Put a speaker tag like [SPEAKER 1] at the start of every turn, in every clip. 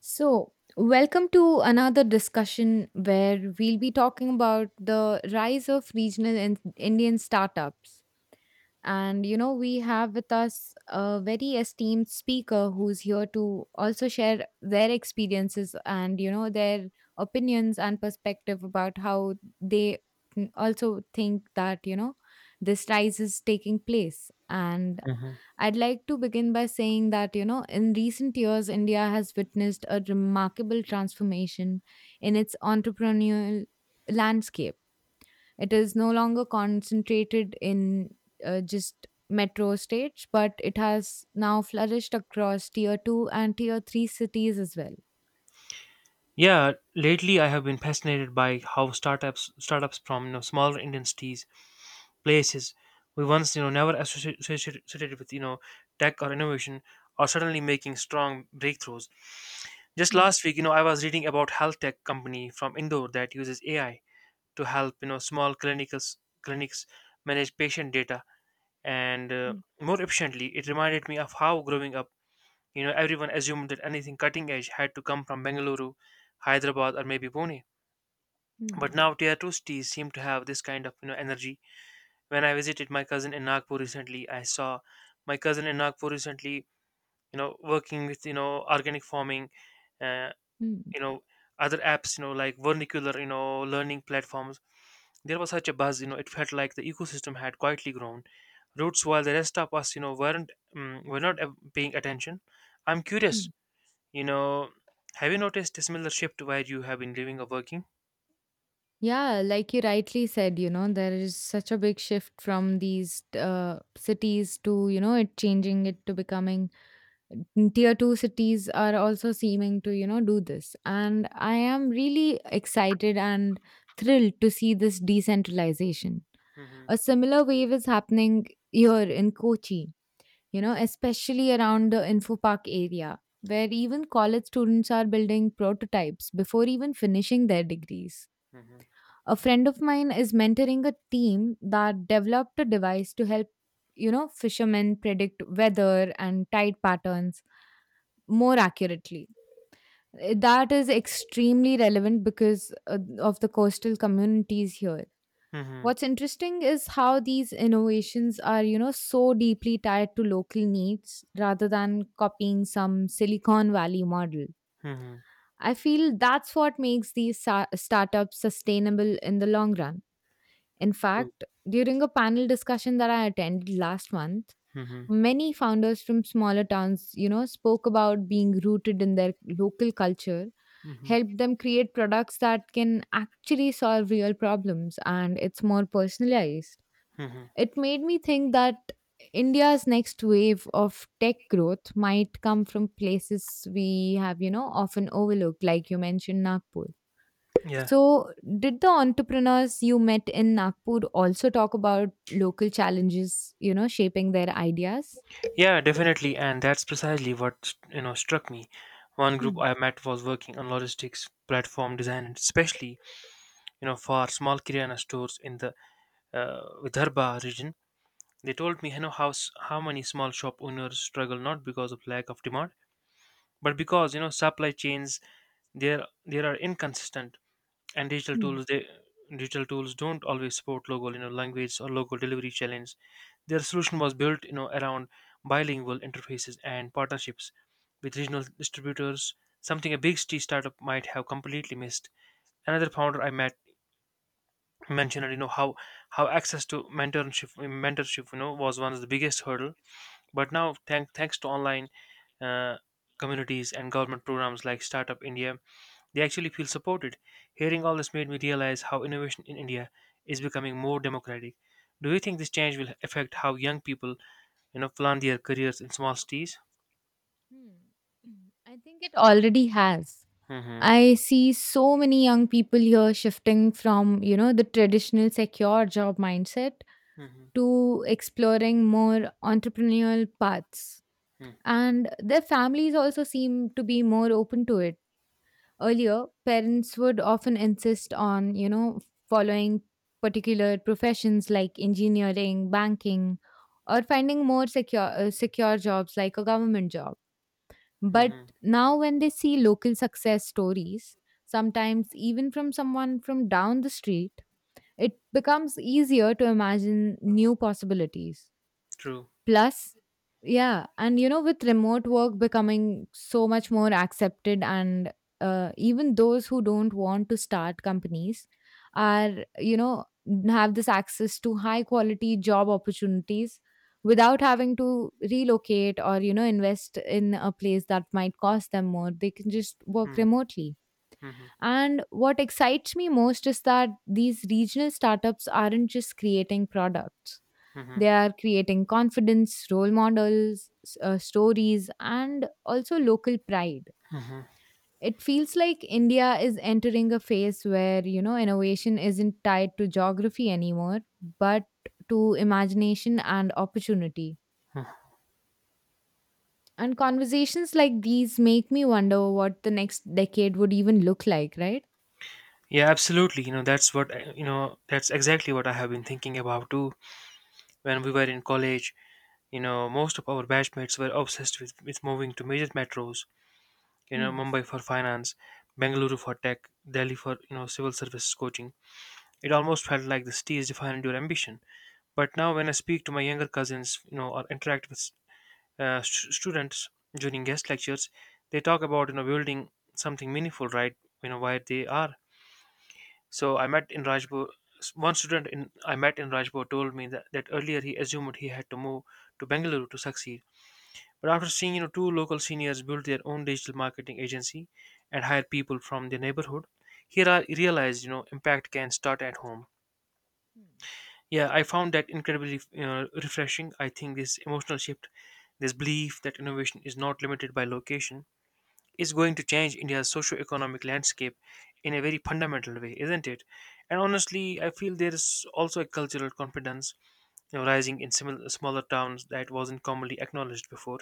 [SPEAKER 1] So, welcome to another discussion where we'll be talking about the rise of regional Indian startups. And, you know, we have with us a very esteemed speaker who's here to also share their experiences and, you know, their opinions and perspective about how they also think that, you know, this rise is taking place. And
[SPEAKER 2] Mhm.
[SPEAKER 1] I'd like to begin by saying that, you know, in recent years, India has witnessed a remarkable transformation in its entrepreneurial landscape. It is no longer concentrated in just metro states, but it has now flourished across tier 2 and tier 3 cities as well.
[SPEAKER 2] Yeah, lately I have been fascinated by how startups from smaller Indian cities places we once never associ- associated associated with tech or innovation are suddenly making strong breakthroughs. Just
[SPEAKER 1] Mm,
[SPEAKER 2] last week, you know, I was reading about health tech company from Indore that uses AI to help small clinicals clinics manage patient data and
[SPEAKER 1] mm,
[SPEAKER 2] more efficiently. It reminded me of how growing up, you know, everyone assumed that anything cutting edge had to come from Bengaluru, Hyderabad, or maybe Pune, but
[SPEAKER 1] mm,
[SPEAKER 2] now Teatros teas seem to have this kind of energy. When I visited my cousin in Nagpur recently, I saw my cousin in Nagpur recently, you know, working with organic farming, uh,
[SPEAKER 1] mm,
[SPEAKER 2] you know, other apps, you know, like vernacular, you know, learning platforms. There was such a buzz, you know, it felt like the ecosystem had quietly grown roots, while the rest of us, you know, were not paying attention. I'm curious,
[SPEAKER 1] mm.
[SPEAKER 2] you know, have you noticed a similar shift where you have been living or working?
[SPEAKER 1] Yeah, like you rightly said, you know, there is such a big shift from these cities to, you know, it changing it to becoming tier two cities are also seeming to, you know, do this. And I am really excited and thrilled to see this decentralization.
[SPEAKER 2] Hmm.
[SPEAKER 1] A similar wave is happening here in Kochi, you know, especially around the Info Park area, where even college students are building prototypes before even finishing their degrees.
[SPEAKER 2] Hmm.
[SPEAKER 1] A friend of mine is mentoring a team that developed a device to help, you know, fishermen predict weather and tide patterns more accurately. That is extremely relevant because of the coastal communities here.
[SPEAKER 2] Hmm.
[SPEAKER 1] What's interesting is how these innovations are, you know, so deeply tied to local needs rather than copying some Silicon Valley model.
[SPEAKER 2] Hmm.
[SPEAKER 1] I feel that's what makes these startups sustainable in the long run. In
[SPEAKER 2] True.
[SPEAKER 1] fact, during a panel discussion that I attended last month,
[SPEAKER 2] Mm-hmm.
[SPEAKER 1] many founders from smaller towns, you know, spoke about being rooted in their local culture,
[SPEAKER 2] Mm-hmm.
[SPEAKER 1] helped them create products that can actually solve real problems and it's more personalized.
[SPEAKER 2] Mm-hmm.
[SPEAKER 1] It made me think that India's next wave of tech growth might come from places we have, you know, often overlooked, like you mentioned Nagpur.
[SPEAKER 2] Yeah.
[SPEAKER 1] So, did the entrepreneurs you met in Nagpur also talk about local challenges, you know, shaping their ideas?
[SPEAKER 2] Yeah, definitely. And that's precisely what, you know, struck me. One group
[SPEAKER 1] Hmm.
[SPEAKER 2] I met was working on logistics platform design, and especially, you know, for small kirana stores in the Vidarbha region. They told me, you know, how many small shop owners struggle not because of lack of demand, but because, you know, supply chains, there are inconsistent. And
[SPEAKER 1] Hmm.
[SPEAKER 2] digital tools don't always support local language or local delivery challenge. Their solution was built around bilingual interfaces and partnerships with regional distributors, something a big city startup might have completely missed. Another founder I met mentioned how access to mentorship was one of the biggest hurdle. But now thanks to online uh, communities and government programs like Startup India, they actually feel supported. Hearing all this made me realize how innovation in India is becoming more democratic. Do you think this change will affect how young people, you know, plan their careers in small cities?
[SPEAKER 1] Hmm. I think it already has.
[SPEAKER 2] Hmm.
[SPEAKER 1] I see so many young people here shifting from, you know, the traditional secure job mindset
[SPEAKER 2] Hmm.
[SPEAKER 1] to exploring more entrepreneurial paths.
[SPEAKER 2] Hmm.
[SPEAKER 1] And their families also seem to be more open to it. Earlier, parents would often insist on, you know, following particular professions like engineering, banking, or finding more secure secure jobs like a government job. But
[SPEAKER 2] Hmm.
[SPEAKER 1] now, when they see local success stories, sometimes even from someone from down the street, it becomes easier to imagine new possibilities.
[SPEAKER 2] True.
[SPEAKER 1] Plus, yeah, and you know, with remote work becoming so much more accepted, and even those who don't want to start companies are, you know, have this access to high quality job opportunities without having to relocate or you know invest in a place that might cost them more. They can just work
[SPEAKER 2] Hmm.
[SPEAKER 1] remotely.
[SPEAKER 2] Hmm.
[SPEAKER 1] And what excites me most is that these regional startups aren't just creating products,
[SPEAKER 2] Hmm.
[SPEAKER 1] they are creating confidence, role models, stories, and also local pride.
[SPEAKER 2] Hmm.
[SPEAKER 1] It feels like India is entering a phase where, you know, innovation isn't tied to geography anymore, but to imagination and opportunity. And conversations like these make me wonder what the next decade would even look like, right?
[SPEAKER 2] Yeah, absolutely. You know, that's what I- you know. That's exactly what I have been thinking about too. When we were in college, you know, most of our batchmates were obsessed with moving to major metros. You know,
[SPEAKER 1] Hmm.
[SPEAKER 2] Mumbai for finance, Bengaluru for tech, Delhi for civil services coaching. It almost felt like the city is defining your ambition. But now, when I speak to my younger cousins, you know, or interact with students during guest lectures, they talk about building something meaningful, right? You know where they are. So I met in Rajpur. One student in I met in Rajpur told me that earlier he assumed he had to move to Bengaluru to succeed. But after seeing two local seniors build their own digital marketing agency and hire people from their neighborhood, he realized impact can start at home.
[SPEAKER 1] Hmm.
[SPEAKER 2] Yeah, I found that incredibly refreshing. I think this emotional shift, this belief that innovation is not limited by location, is going to change India's socio-economic landscape in a very fundamental way, isn't it? And honestly, I feel there is also a cultural confidence, you know, rising in similar, smaller towns that wasn't commonly acknowledged before.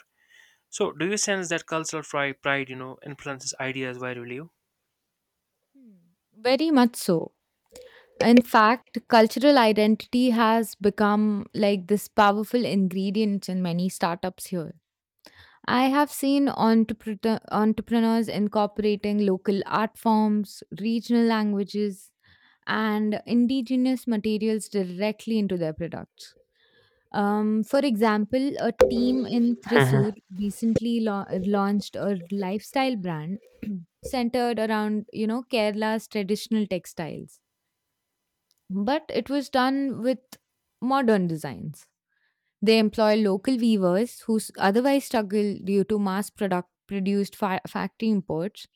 [SPEAKER 2] So, do you sense that pride, you know, influences ideas virally?
[SPEAKER 1] Hmm. Very much so. In fact, cultural identity has become like this powerful ingredient in many startups here. I have seen entrepreneurs incorporating local art forms, regional languages, and indigenous materials directly into their products. For example, a team in Thrissur
[SPEAKER 2] Mhm.
[SPEAKER 1] recently launched a lifestyle brand centered around, you know, Kerala's traditional textiles, but it was done with modern designs. They employ local weavers who otherwise struggle due to mass product produced factory imports,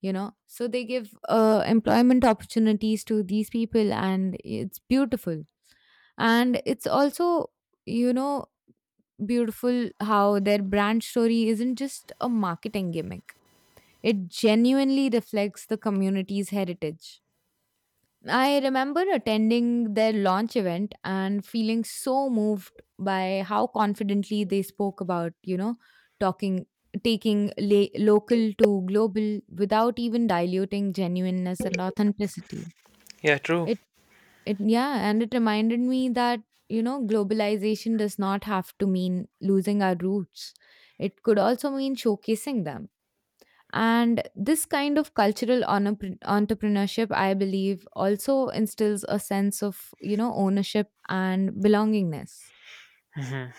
[SPEAKER 1] you know. So they give employment opportunities to these people, and it's beautiful. And it's also, you know, beautiful how their brand story isn't just a marketing gimmick, it genuinely reflects the community's heritage. I remember attending their launch event and feeling so moved by how confidently they spoke about, you know, talking taking local to global without even diluting genuineness and authenticity.
[SPEAKER 2] Yeah, true.
[SPEAKER 1] It it yeah, and it reminded me that, you know, globalization does not have to mean losing our roots. It could also mean showcasing them. And this kind of cultural entrepreneurship, I believe, also instills a sense of, you know, ownership and belongingness.
[SPEAKER 2] Mhm.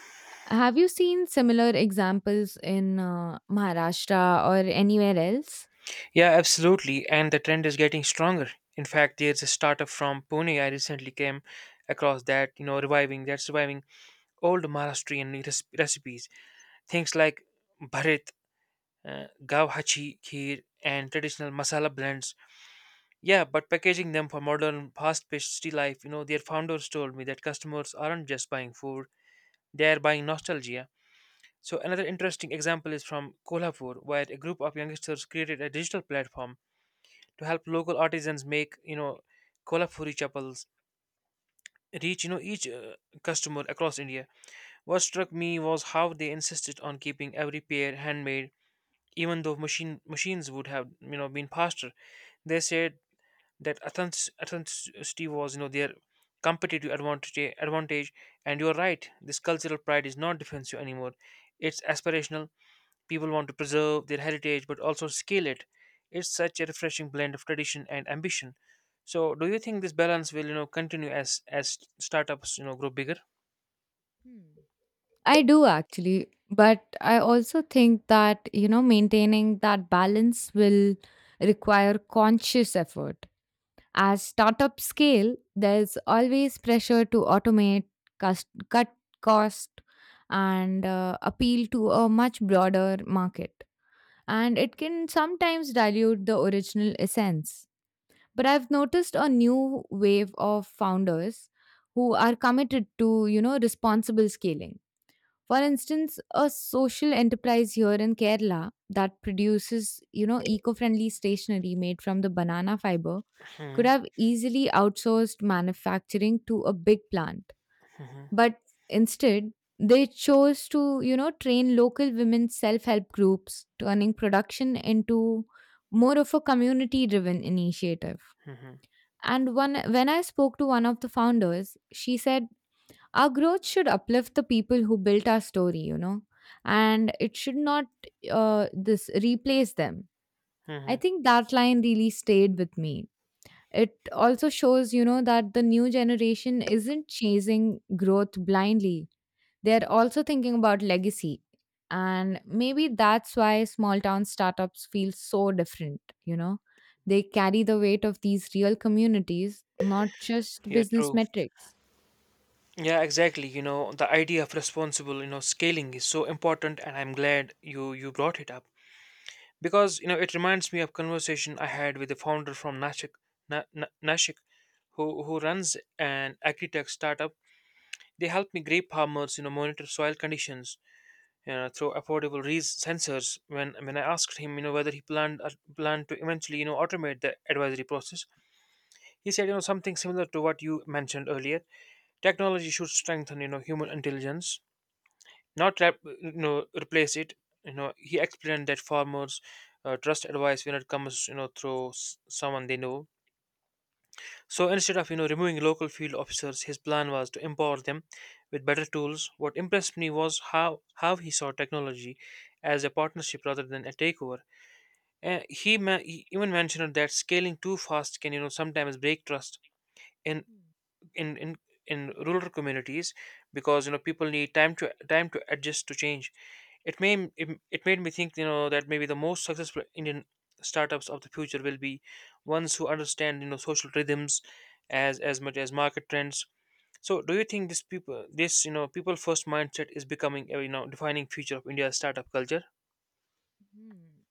[SPEAKER 1] Have you seen similar examples in Maharashtra or anywhere else?
[SPEAKER 2] Yeah, absolutely. And the trend is getting stronger. In fact, there's a startup from Pune I recently came across that, you know, reviving that's reviving old recipes. Things like bharat, gavhachi kheer, and traditional masala blends. Yeah, but packaging them for modern, fast-paced city life. You know, their founders told me that customers aren't just buying food; they are buying nostalgia. So another interesting example is from Kolhapur, where a group of youngsters created a digital platform to help local artisans make kolhapuri chappals reach each customer across India. What struck me was how they insisted on keeping every pair handmade, even though machines would have been faster. They said that authenticity was their competitive advantage. And you're right, this cultural pride is not defensive anymore, it's aspirational. People want to preserve their heritage but also scale it. It's such a refreshing blend of tradition and ambition. So, do you think this balance will, you know, continue as startups, you know, grow bigger?
[SPEAKER 1] Hmm. I do actually, but I also think that, you know, maintaining that balance will require conscious effort. As startups scale, there's always pressure to automate, cut cost, and appeal to a much broader market. And it can sometimes dilute the original essence. But I've noticed a new wave of founders who are committed to, you know, responsible scaling. For instance, a social enterprise here in Kerala that produces, you know, eco-friendly stationery made from the banana fiber could
[SPEAKER 2] Hmm.
[SPEAKER 1] have easily outsourced manufacturing to a big plant.
[SPEAKER 2] Mhm,
[SPEAKER 1] But instead, they chose to, you know, train local women's self-help groups, turning production into more of a community-driven initiative.
[SPEAKER 2] mhm,
[SPEAKER 1] And one when I spoke to one of the founders, she said our growth should uplift the people who built our story, you know, and it should not this replace them. I
[SPEAKER 2] mhm.
[SPEAKER 1] think that line really stayed with me. It also shows, you know, that the new generation isn't chasing growth blindly. They're also thinking about legacy. And maybe that's why small town startups feel so different, you know. They carry the weight of these real communities, not just
[SPEAKER 2] Yeah,
[SPEAKER 1] business
[SPEAKER 2] true.
[SPEAKER 1] metrics.
[SPEAKER 2] Yeah, exactly. You know, the idea of responsible, you know, scaling is so important, and I'm glad you brought it up, because you know it reminds me of conversation I had with the founder from Nashik, Nashik, who runs an agri-tech startup. They help me grape farmers, you know, monitor soil conditions through affordable sensors. When I asked him, you know, whether he planned to eventually, you know, automate the advisory process, he said, you know, something similar to what you mentioned earlier. Technology should strengthen, you know, human intelligence, not replace it. You know, he explained that farmers trust advice when it comes, you know, through someone they know. So instead of removing local field officers, his plan was to empower them with better tools. What impressed me was how he saw technology as a partnership rather than a takeover. And he even mentioned that scaling too fast can sometimes break trust in in in in rural communities, because you know people need time to adjust to change. It made me think that maybe the most successful Indian startups of the future will be ones who understand social rhythms as much as market trends. So do you think this people this you know people first mindset is becoming a defining feature of India's startup culture?
[SPEAKER 1] Hmm.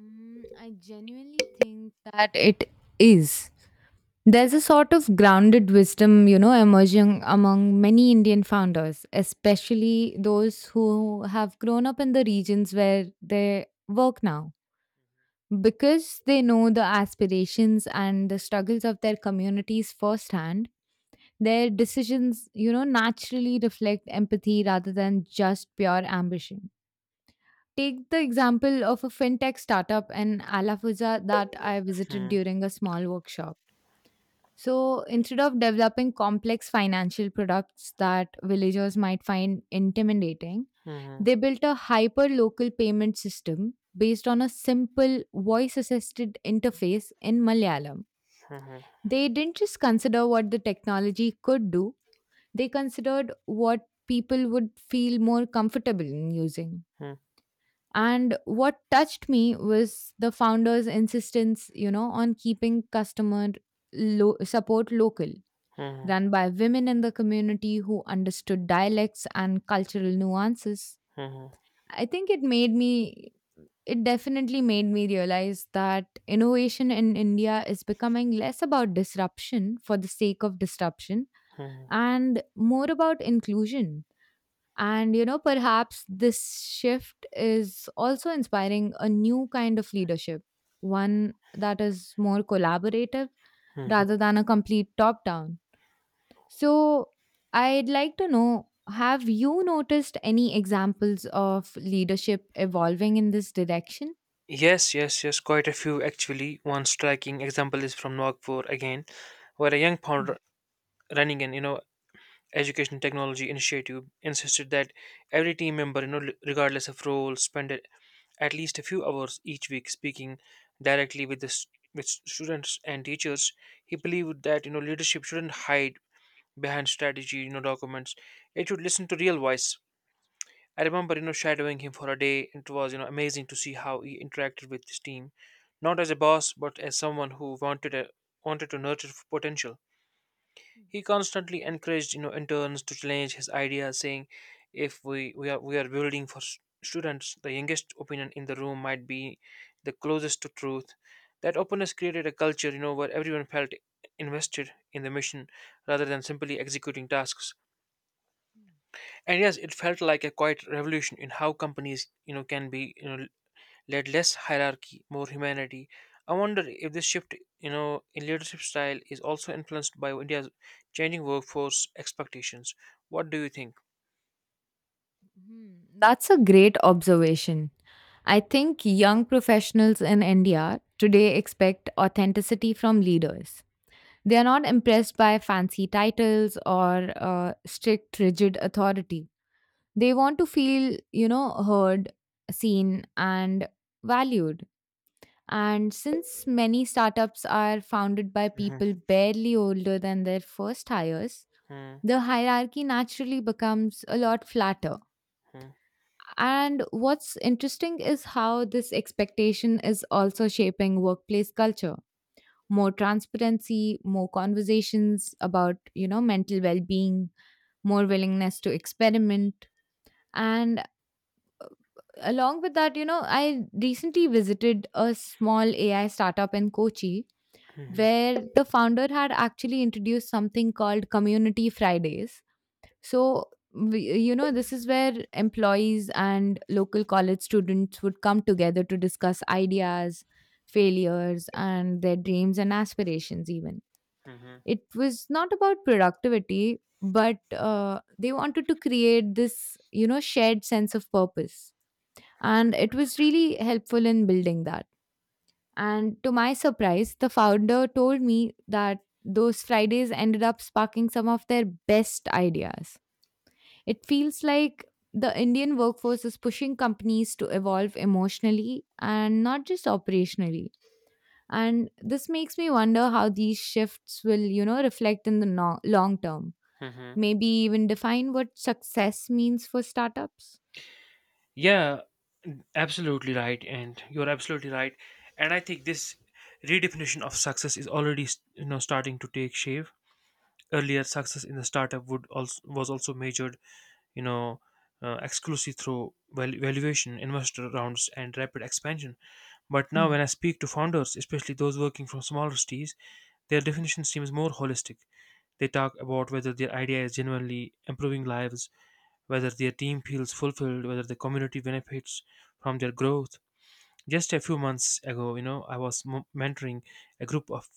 [SPEAKER 1] I genuinely think that it is. There's a sort of grounded wisdom, you know, emerging among many Indian founders, especially those who have grown up in the regions where they work now, because they know the aspirations and the struggles of their communities firsthand. Their decisions, you know, naturally reflect empathy rather than just pure ambition. Take the example of a fintech startup in Alafuza that I visited
[SPEAKER 2] Hmm.
[SPEAKER 1] during a small workshop. So instead of developing complex financial products that villagers might find intimidating,
[SPEAKER 2] Hmm.
[SPEAKER 1] they built a hyper local payment system based on a simple voice assisted interface in Malayalam.
[SPEAKER 2] Hmm.
[SPEAKER 1] They didn't just consider what the technology could do, they considered what people would feel more comfortable in using.
[SPEAKER 2] Hmm.
[SPEAKER 1] And what touched me was the founder's insistence, you know, on keeping customer support local,
[SPEAKER 2] Hmm.
[SPEAKER 1] run by women in the community who understood dialects and cultural nuances.
[SPEAKER 2] Hmm. Hmm.
[SPEAKER 1] I think it made me, It definitely made me realize that innovation in India is becoming less about disruption for the sake of disruption
[SPEAKER 2] Hmm.
[SPEAKER 1] and more about inclusion. And, you know, perhaps this shift is also inspiring a new kind of leadership, one that is more collaborative
[SPEAKER 2] Hmm.
[SPEAKER 1] rather than a complete top down. So, I'd like to know, have you noticed any examples of leadership evolving in this direction?
[SPEAKER 2] Yes, yes, yes, quite a few actually. One striking example is from Nagpur again, where a young founder running an education technology initiative insisted that every team member regardless of role spend at least a few hours each week speaking directly with the students and teachers. He believed that leadership shouldn't hide behind strategy documents. It should listen to real voice. I remember, you know, shadowing him for a day. And It was, you know, amazing to see how he interacted with his team, not as a boss, but as someone who wanted to nurture potential. He constantly encouraged, you know, interns to challenge his ideas, saying, "If we are we are building for students, the youngest opinion in the room might be the closest to truth." That openness created a culture, you know, where everyone felt invested in the mission rather than simply executing tasks. And yes, it felt like a quiet revolution in how companies, you know, can be, you know, led. Less hierarchy, more humanity. I wonder if this shift, you know, in leadership style is also influenced by India's changing workforce expectations. What do you think?
[SPEAKER 1] Hmm, That's a great observation. I think young professionals in India today expect authenticity from leaders. They are not impressed by fancy titles or strict, rigid authority. They want to feel, you know, heard, seen, and valued. And since many startups are founded by
[SPEAKER 2] Mhm,
[SPEAKER 1] people barely older than their first hires,
[SPEAKER 2] mhm,
[SPEAKER 1] the hierarchy naturally becomes a lot flatter. And what's interesting is how this expectation is also shaping workplace culture: more transparency, more conversations about, you know, mental well-being, more willingness to experiment. And along with that, you know, I recently visited a small AI startup in Kochi
[SPEAKER 2] mhm, mhm,
[SPEAKER 1] where the founder had actually introduced something called Community Fridays. So, we, you know, this is where employees and local college students would come together to discuss ideas, failures, and their dreams and aspirations, even.
[SPEAKER 2] mhm,
[SPEAKER 1] It was not about productivity, but they wanted to create this, you know, shared sense of purpose. And it was really helpful in building that. And to my surprise, the founder told me that those Fridays ended up sparking some of their best ideas. It feels like the Indian workforce is pushing companies to evolve emotionally and not just operationally. And this makes me wonder how these shifts will, you know, reflect in the long term.
[SPEAKER 2] mhm.
[SPEAKER 1] Maybe even define what success means for startups?
[SPEAKER 2] Yeah, absolutely right. And you're absolutely right, and I think this redefinition of success is already, you know, starting to take shape. Earlier success in the startup would also was also measured, you know, exclusive through valuation, investor rounds, and rapid expansion. But now,
[SPEAKER 1] Hmm.
[SPEAKER 2] when I speak to founders, especially those working from smaller cities, their definition seems more holistic. They talk about whether their idea is genuinely improving lives, whether their team feels fulfilled, whether the community benefits from their growth. Just a few months ago, you know, I was mentoring a group of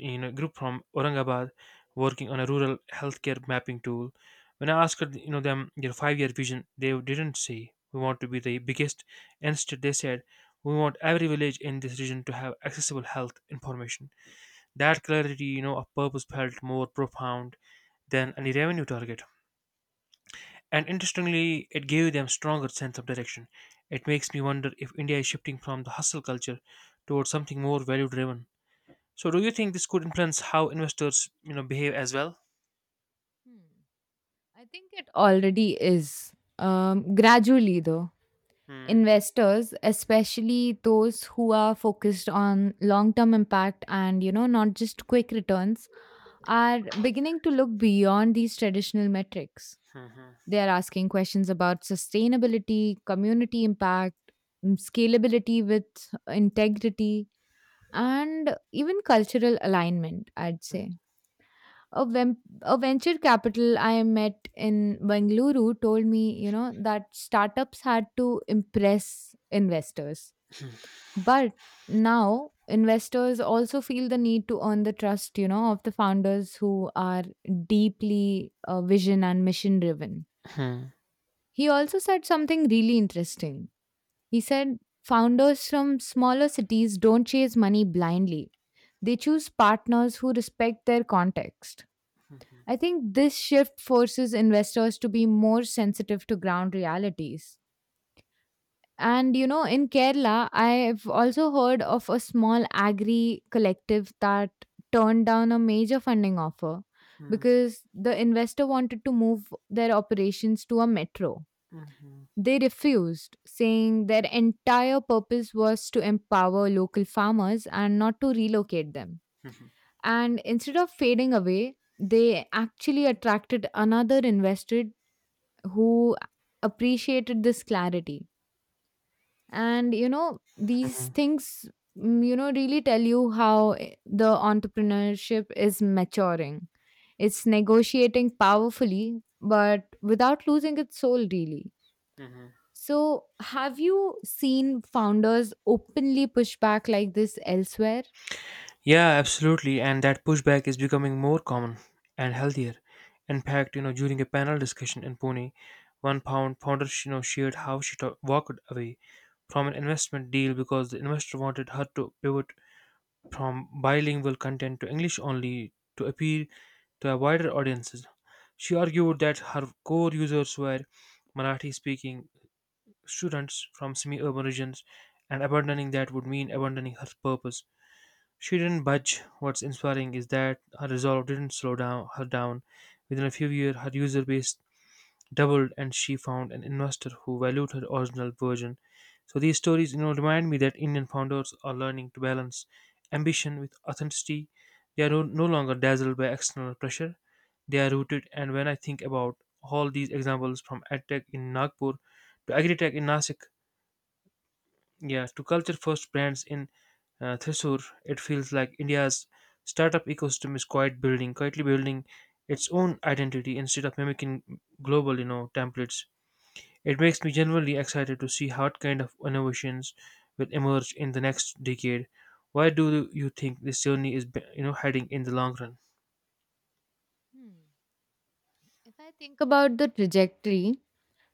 [SPEAKER 2] a group from Aurangabad working on a rural healthcare mapping tool. When I asked you know them their 5-year vision, they didn't say we want to be the biggest. Instead, they said we want every village in this region to have accessible health information. That clarity, you know, of purpose felt more profound than any revenue target. And interestingly, it gave them stronger sense of direction. It makes me wonder if India is shifting from the hustle culture towards something more value driven. So, do you think this could influence how investors, you know, behave as well?
[SPEAKER 1] Hmm. I think it already is. Gradually, though,
[SPEAKER 2] Hmm.
[SPEAKER 1] investors, especially those who are focused on long term impact and, you know, not just quick returns, are beginning to look beyond these traditional metrics.
[SPEAKER 2] Hmm.
[SPEAKER 1] They are asking questions about sustainability, community impact, scalability with integrity, and even cultural alignment, I'd
[SPEAKER 2] Hmm.
[SPEAKER 1] say. A venture capital I met in Bengaluru told me, you know, that startups had to impress investors. But now investors also feel the need to earn the trust, you know, of the founders who are deeply vision and mission driven.
[SPEAKER 2] Hmm.
[SPEAKER 1] He also said something really interesting. He said founders from smaller cities don't chase money blindly. They choose partners who respect their context. I think this shift forces investors to be more sensitive to ground realities. And you know, in Kerala, I've also heard of a small agri collective that turned down a major funding offer
[SPEAKER 2] Hmm.
[SPEAKER 1] because the investor wanted to move their operations to a metro. They refused, saying their entire purpose was to empower local farmers and not to relocate them. And instead of fading away, they actually attracted another investor who appreciated this clarity. And, you know, these
[SPEAKER 2] Hmm.
[SPEAKER 1] things, you know, really tell you how the entrepreneurship is maturing. It's negotiating powerfully, but without losing its soul, really.
[SPEAKER 2] Hmm.
[SPEAKER 1] So, have you seen founders openly push back like this elsewhere?
[SPEAKER 2] Yeah, absolutely. And that pushback is becoming more common and healthier. In fact, during a panel discussion in Pune, one pound founder, shared how walked away from an investment deal because the investor wanted her to pivot from bilingual content to English only to appeal to a wider audiences. She argued that her core users were Marathi speaking students from semi urban regions, and abandoning that would mean abandoning her purpose. She didn't budge. What's inspiring is that her resolve didn't slow down her down. Within a few years, her user base doubled and she found an investor who valued her original version. So these stories, remind me that Indian founders are learning to balance ambition with authenticity. They are no longer dazzled by external pressure. They are rooted, and when I think about all these examples, from edtech in Nagpur to agritech in Nasik, yeah, to culture first brands in Thrissur, it feels like India's startup ecosystem is quite building quietly building its own identity instead of mimicking global, templates. It makes me genuinely excited to see what kind of innovations will emerge in the next decade. Why do you think this journey is heading in the long run?
[SPEAKER 1] Hmm. If I think about the trajectory.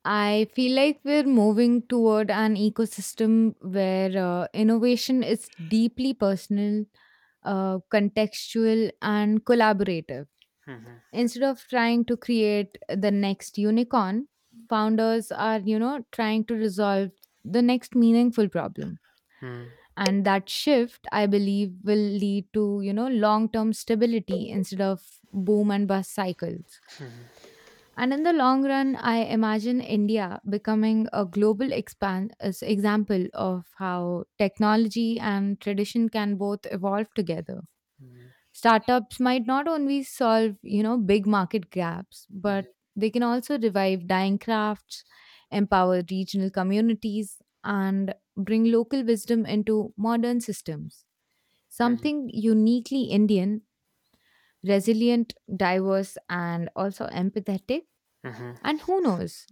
[SPEAKER 1] I feel like we're moving toward an ecosystem where innovation is deeply personal, contextual, and collaborative.
[SPEAKER 2] Mhm,
[SPEAKER 1] Instead of trying to create the next unicorn, founders are, you know, trying to resolve the next meaningful problem.
[SPEAKER 2] mhm,
[SPEAKER 1] And that shift, I believe, will lead to, you know, long term stability instead of boom and bust cycles. And in the long run, I imagine India becoming a global expand, as example of how technology and tradition can both evolve together.
[SPEAKER 2] mhm,
[SPEAKER 1] Startups might not only solve, you know, big market gaps,
[SPEAKER 2] mhm,
[SPEAKER 1] but they can also revive dying crafts, empower regional communities, and bring local wisdom into modern systems.
[SPEAKER 2] mhm,
[SPEAKER 1] Something uniquely Indian, resilient, diverse, and also empathetic.
[SPEAKER 2] mhm,
[SPEAKER 1] And who knows?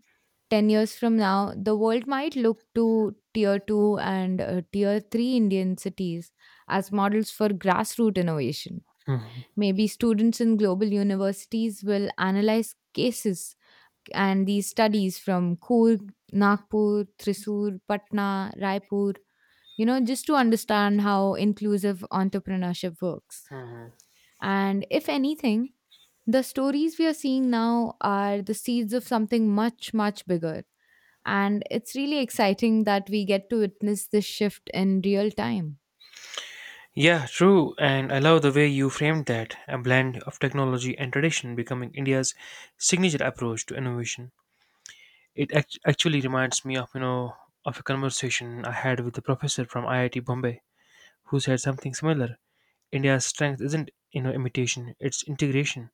[SPEAKER 1] 10 years from now, the world might look to tier 2 and tier 3 Indian cities as models for grassroots innovation.
[SPEAKER 2] mhm.
[SPEAKER 1] Maybe students in global universities will analyze cases and these studies from Coorg, Nagpur, Thrissur, Patna, Raipur, you know, just to understand how inclusive entrepreneurship works. And if anything, the stories we are seeing now are the seeds of something much, much bigger, and it's really exciting that we get to witness this shift in real time.
[SPEAKER 2] Yeah, true. And I love the way you framed that, a blend of technology and tradition becoming India's signature approach to innovation. Actually reminds me of, of a conversation I had with a professor from IIT Bombay who said something similar. India's strength isn't, imitation; it's integration.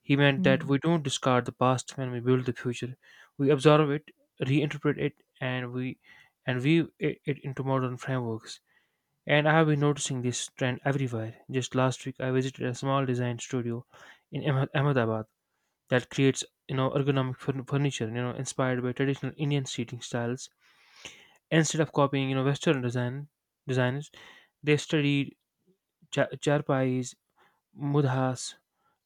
[SPEAKER 2] He meant that
[SPEAKER 1] Hmm.
[SPEAKER 2] we don't discard the past when we build the future. We absorb it, reinterpret it, and we and weave it into modern frameworks. And I have been noticing this trend everywhere. Just last week, I visited a small design studio in Ahmedabad that creates, ergonomic furniture, inspired by traditional Indian seating styles. Instead of copying, Western design designers, they studied charpais, mudhas,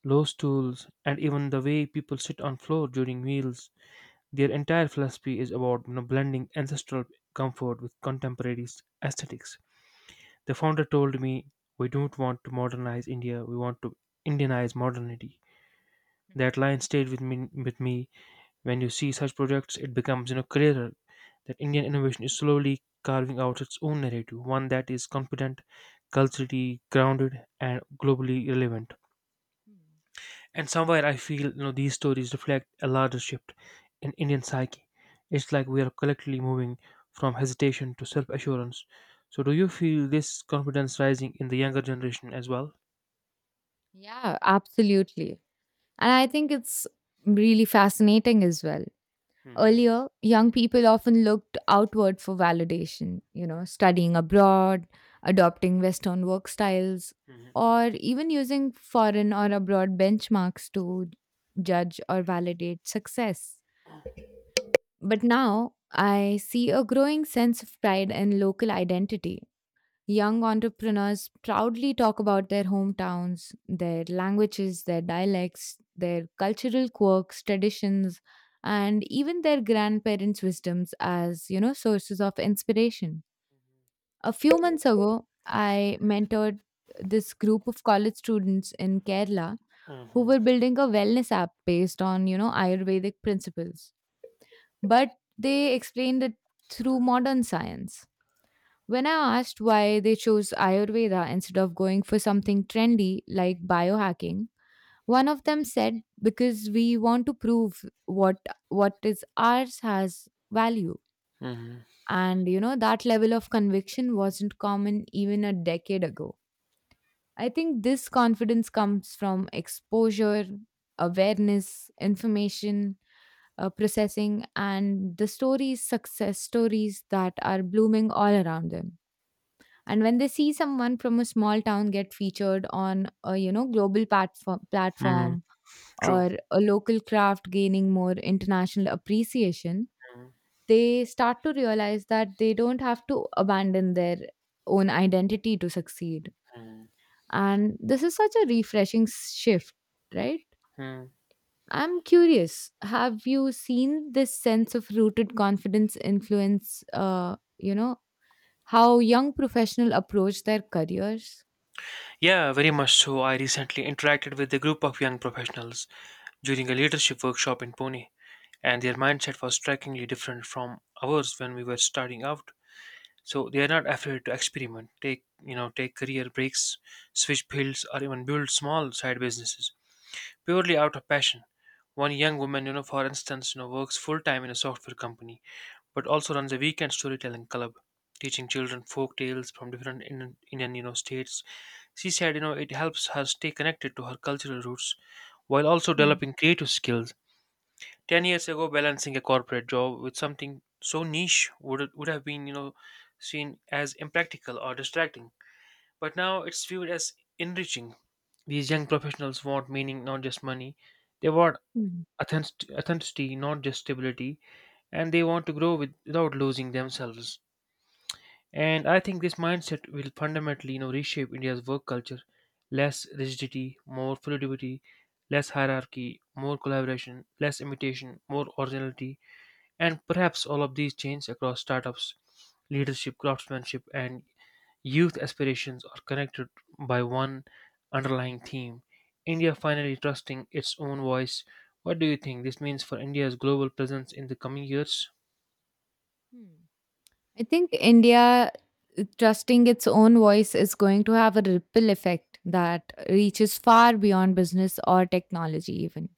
[SPEAKER 2] low stools, and even the way people sit on floor during meals. Their entire philosophy is about, blending ancestral comfort with contemporary aesthetics. The founder told me, "We don't want to modernize India. We want to Indianize modernity." That line stayed with me. With me, when you see such projects, it becomes, clearer that Indian innovation is slowly carving out its own narrative, one that is confident, culturally grounded, and globally relevant.
[SPEAKER 1] Mhm.
[SPEAKER 2] And somewhere I feel, these stories reflect a larger shift in Indian psyche. It's like we are collectively moving from hesitation to self assurance. So, do you feel this confidence rising in the younger generation as well?
[SPEAKER 1] Yeah, absolutely. And I think it's really fascinating as well.
[SPEAKER 2] Hmm.
[SPEAKER 1] Earlier, young people often looked outward for validation, you know, studying abroad, adopting Western work styles,
[SPEAKER 2] Hmm.
[SPEAKER 1] or even using foreign or abroad benchmarks to judge or validate success. But now I see a growing sense of pride in local identity. Young entrepreneurs proudly talk about their hometowns, their languages, their dialects, their cultural quirks, traditions, and even their grandparents' wisdoms as, you know, sources of inspiration. A few months ago, I mentored this group of college students in Kerala who
[SPEAKER 2] Hmm.
[SPEAKER 1] were building a wellness app based on, you know, Ayurvedic principles. But they explained it through modern science. When I asked why they chose Ayurveda instead of going for something trendy like biohacking, one of them said, because we want to prove what what is ours has value.
[SPEAKER 2] Hmm.
[SPEAKER 1] And you know, that level of conviction wasn't common even a decade ago. I think this confidence comes from exposure, awareness, information processing, and the stories success stories that are blooming all around them. And when they see someone from a small town get featured on a, you know, global platform
[SPEAKER 2] Mm,
[SPEAKER 1] platform
[SPEAKER 2] true.
[SPEAKER 1] or a local craft gaining more international appreciation,
[SPEAKER 2] Mm.
[SPEAKER 1] they start to realize that they don't have to abandon their own identity to succeed.
[SPEAKER 2] Hmm.
[SPEAKER 1] And this is such a refreshing shift, right?
[SPEAKER 2] Mm.
[SPEAKER 1] I'm curious, have you seen this sense of rooted confidence influence, you know, how young professionals approach their careers?
[SPEAKER 2] Yeah, very much so. I recently interacted with a group of young professionals during a leadership workshop in Pune, and their mindset was strikingly different from ours when we were starting out. So they are not afraid to experiment, take, take career breaks, switch fields, or even build small side businesses purely out of passion. One young woman, for instance, works full time in a software company but also runs a weekend storytelling club teaching children folk tales from different Indian, states. She said, it helps her stay connected to her cultural roots while also developing creative skills. 10 years ago, balancing a corporate job with something so niche would have been, seen as impractical or distracting, but now it's viewed as enriching. These young professionals want meaning, not just money. They want
[SPEAKER 1] Mm.
[SPEAKER 2] authenticity, not just stability, and they want to grow without losing themselves. And I think this mindset will fundamentally, reshape India's work culture. Less rigidity, more fluidity. Less hierarchy, more collaboration. Less imitation, more originality. And perhaps all of these change across startups, leadership, craftsmanship, and youth aspirations are connected by one underlying theme: India finally trusting its own voice. What do you think this means for India's global presence in the coming years?
[SPEAKER 1] Hmm. I think India trusting its own voice is going to have a ripple effect that reaches far beyond business or technology, even.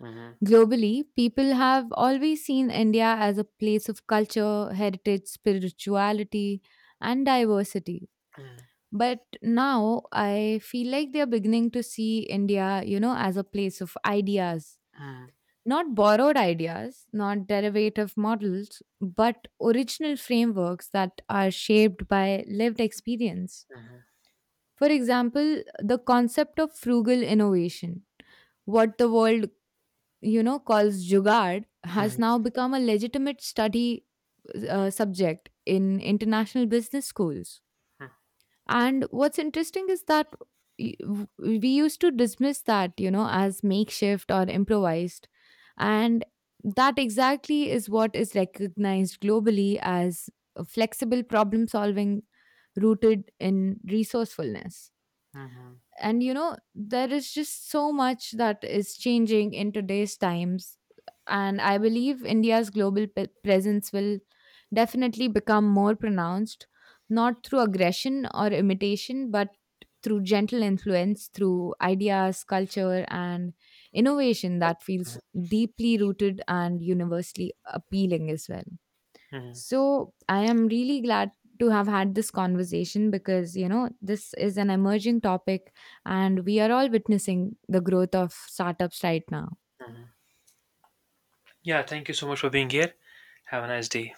[SPEAKER 2] Mhm.
[SPEAKER 1] Globally, people have always seen India as a place of culture, heritage, spirituality, and diversity.
[SPEAKER 2] Mhm.
[SPEAKER 1] But now I feel like they're beginning to see India, you know, as a place of ideas,
[SPEAKER 2] Mhm.
[SPEAKER 1] not borrowed ideas, not derivative models, but original frameworks that are shaped by lived experience.
[SPEAKER 2] Mhm.
[SPEAKER 1] For example, the concept of frugal innovation, what the world, you know, calls jugaad, has
[SPEAKER 2] Mhm.
[SPEAKER 1] now become a legitimate study subject in international business schools. And what's interesting is that we used to dismiss that, you know, as makeshift or improvised. And that exactly is what is recognized globally as a flexible problem solving rooted in resourcefulness.
[SPEAKER 2] Mhm.
[SPEAKER 1] And you know, there is just so much that is changing in today's times, and I believe India's global presence will definitely become more pronounced, not through aggression or imitation, but through gentle influence, through ideas, culture, and innovation that feels deeply rooted and universally appealing as well.
[SPEAKER 2] Mhm.
[SPEAKER 1] So I am really glad to have had this conversation because, you know, this is an emerging topic and we are all witnessing the growth of startups right now.
[SPEAKER 2] Mhm. Yeah, thank you so much for being here. Have a nice day.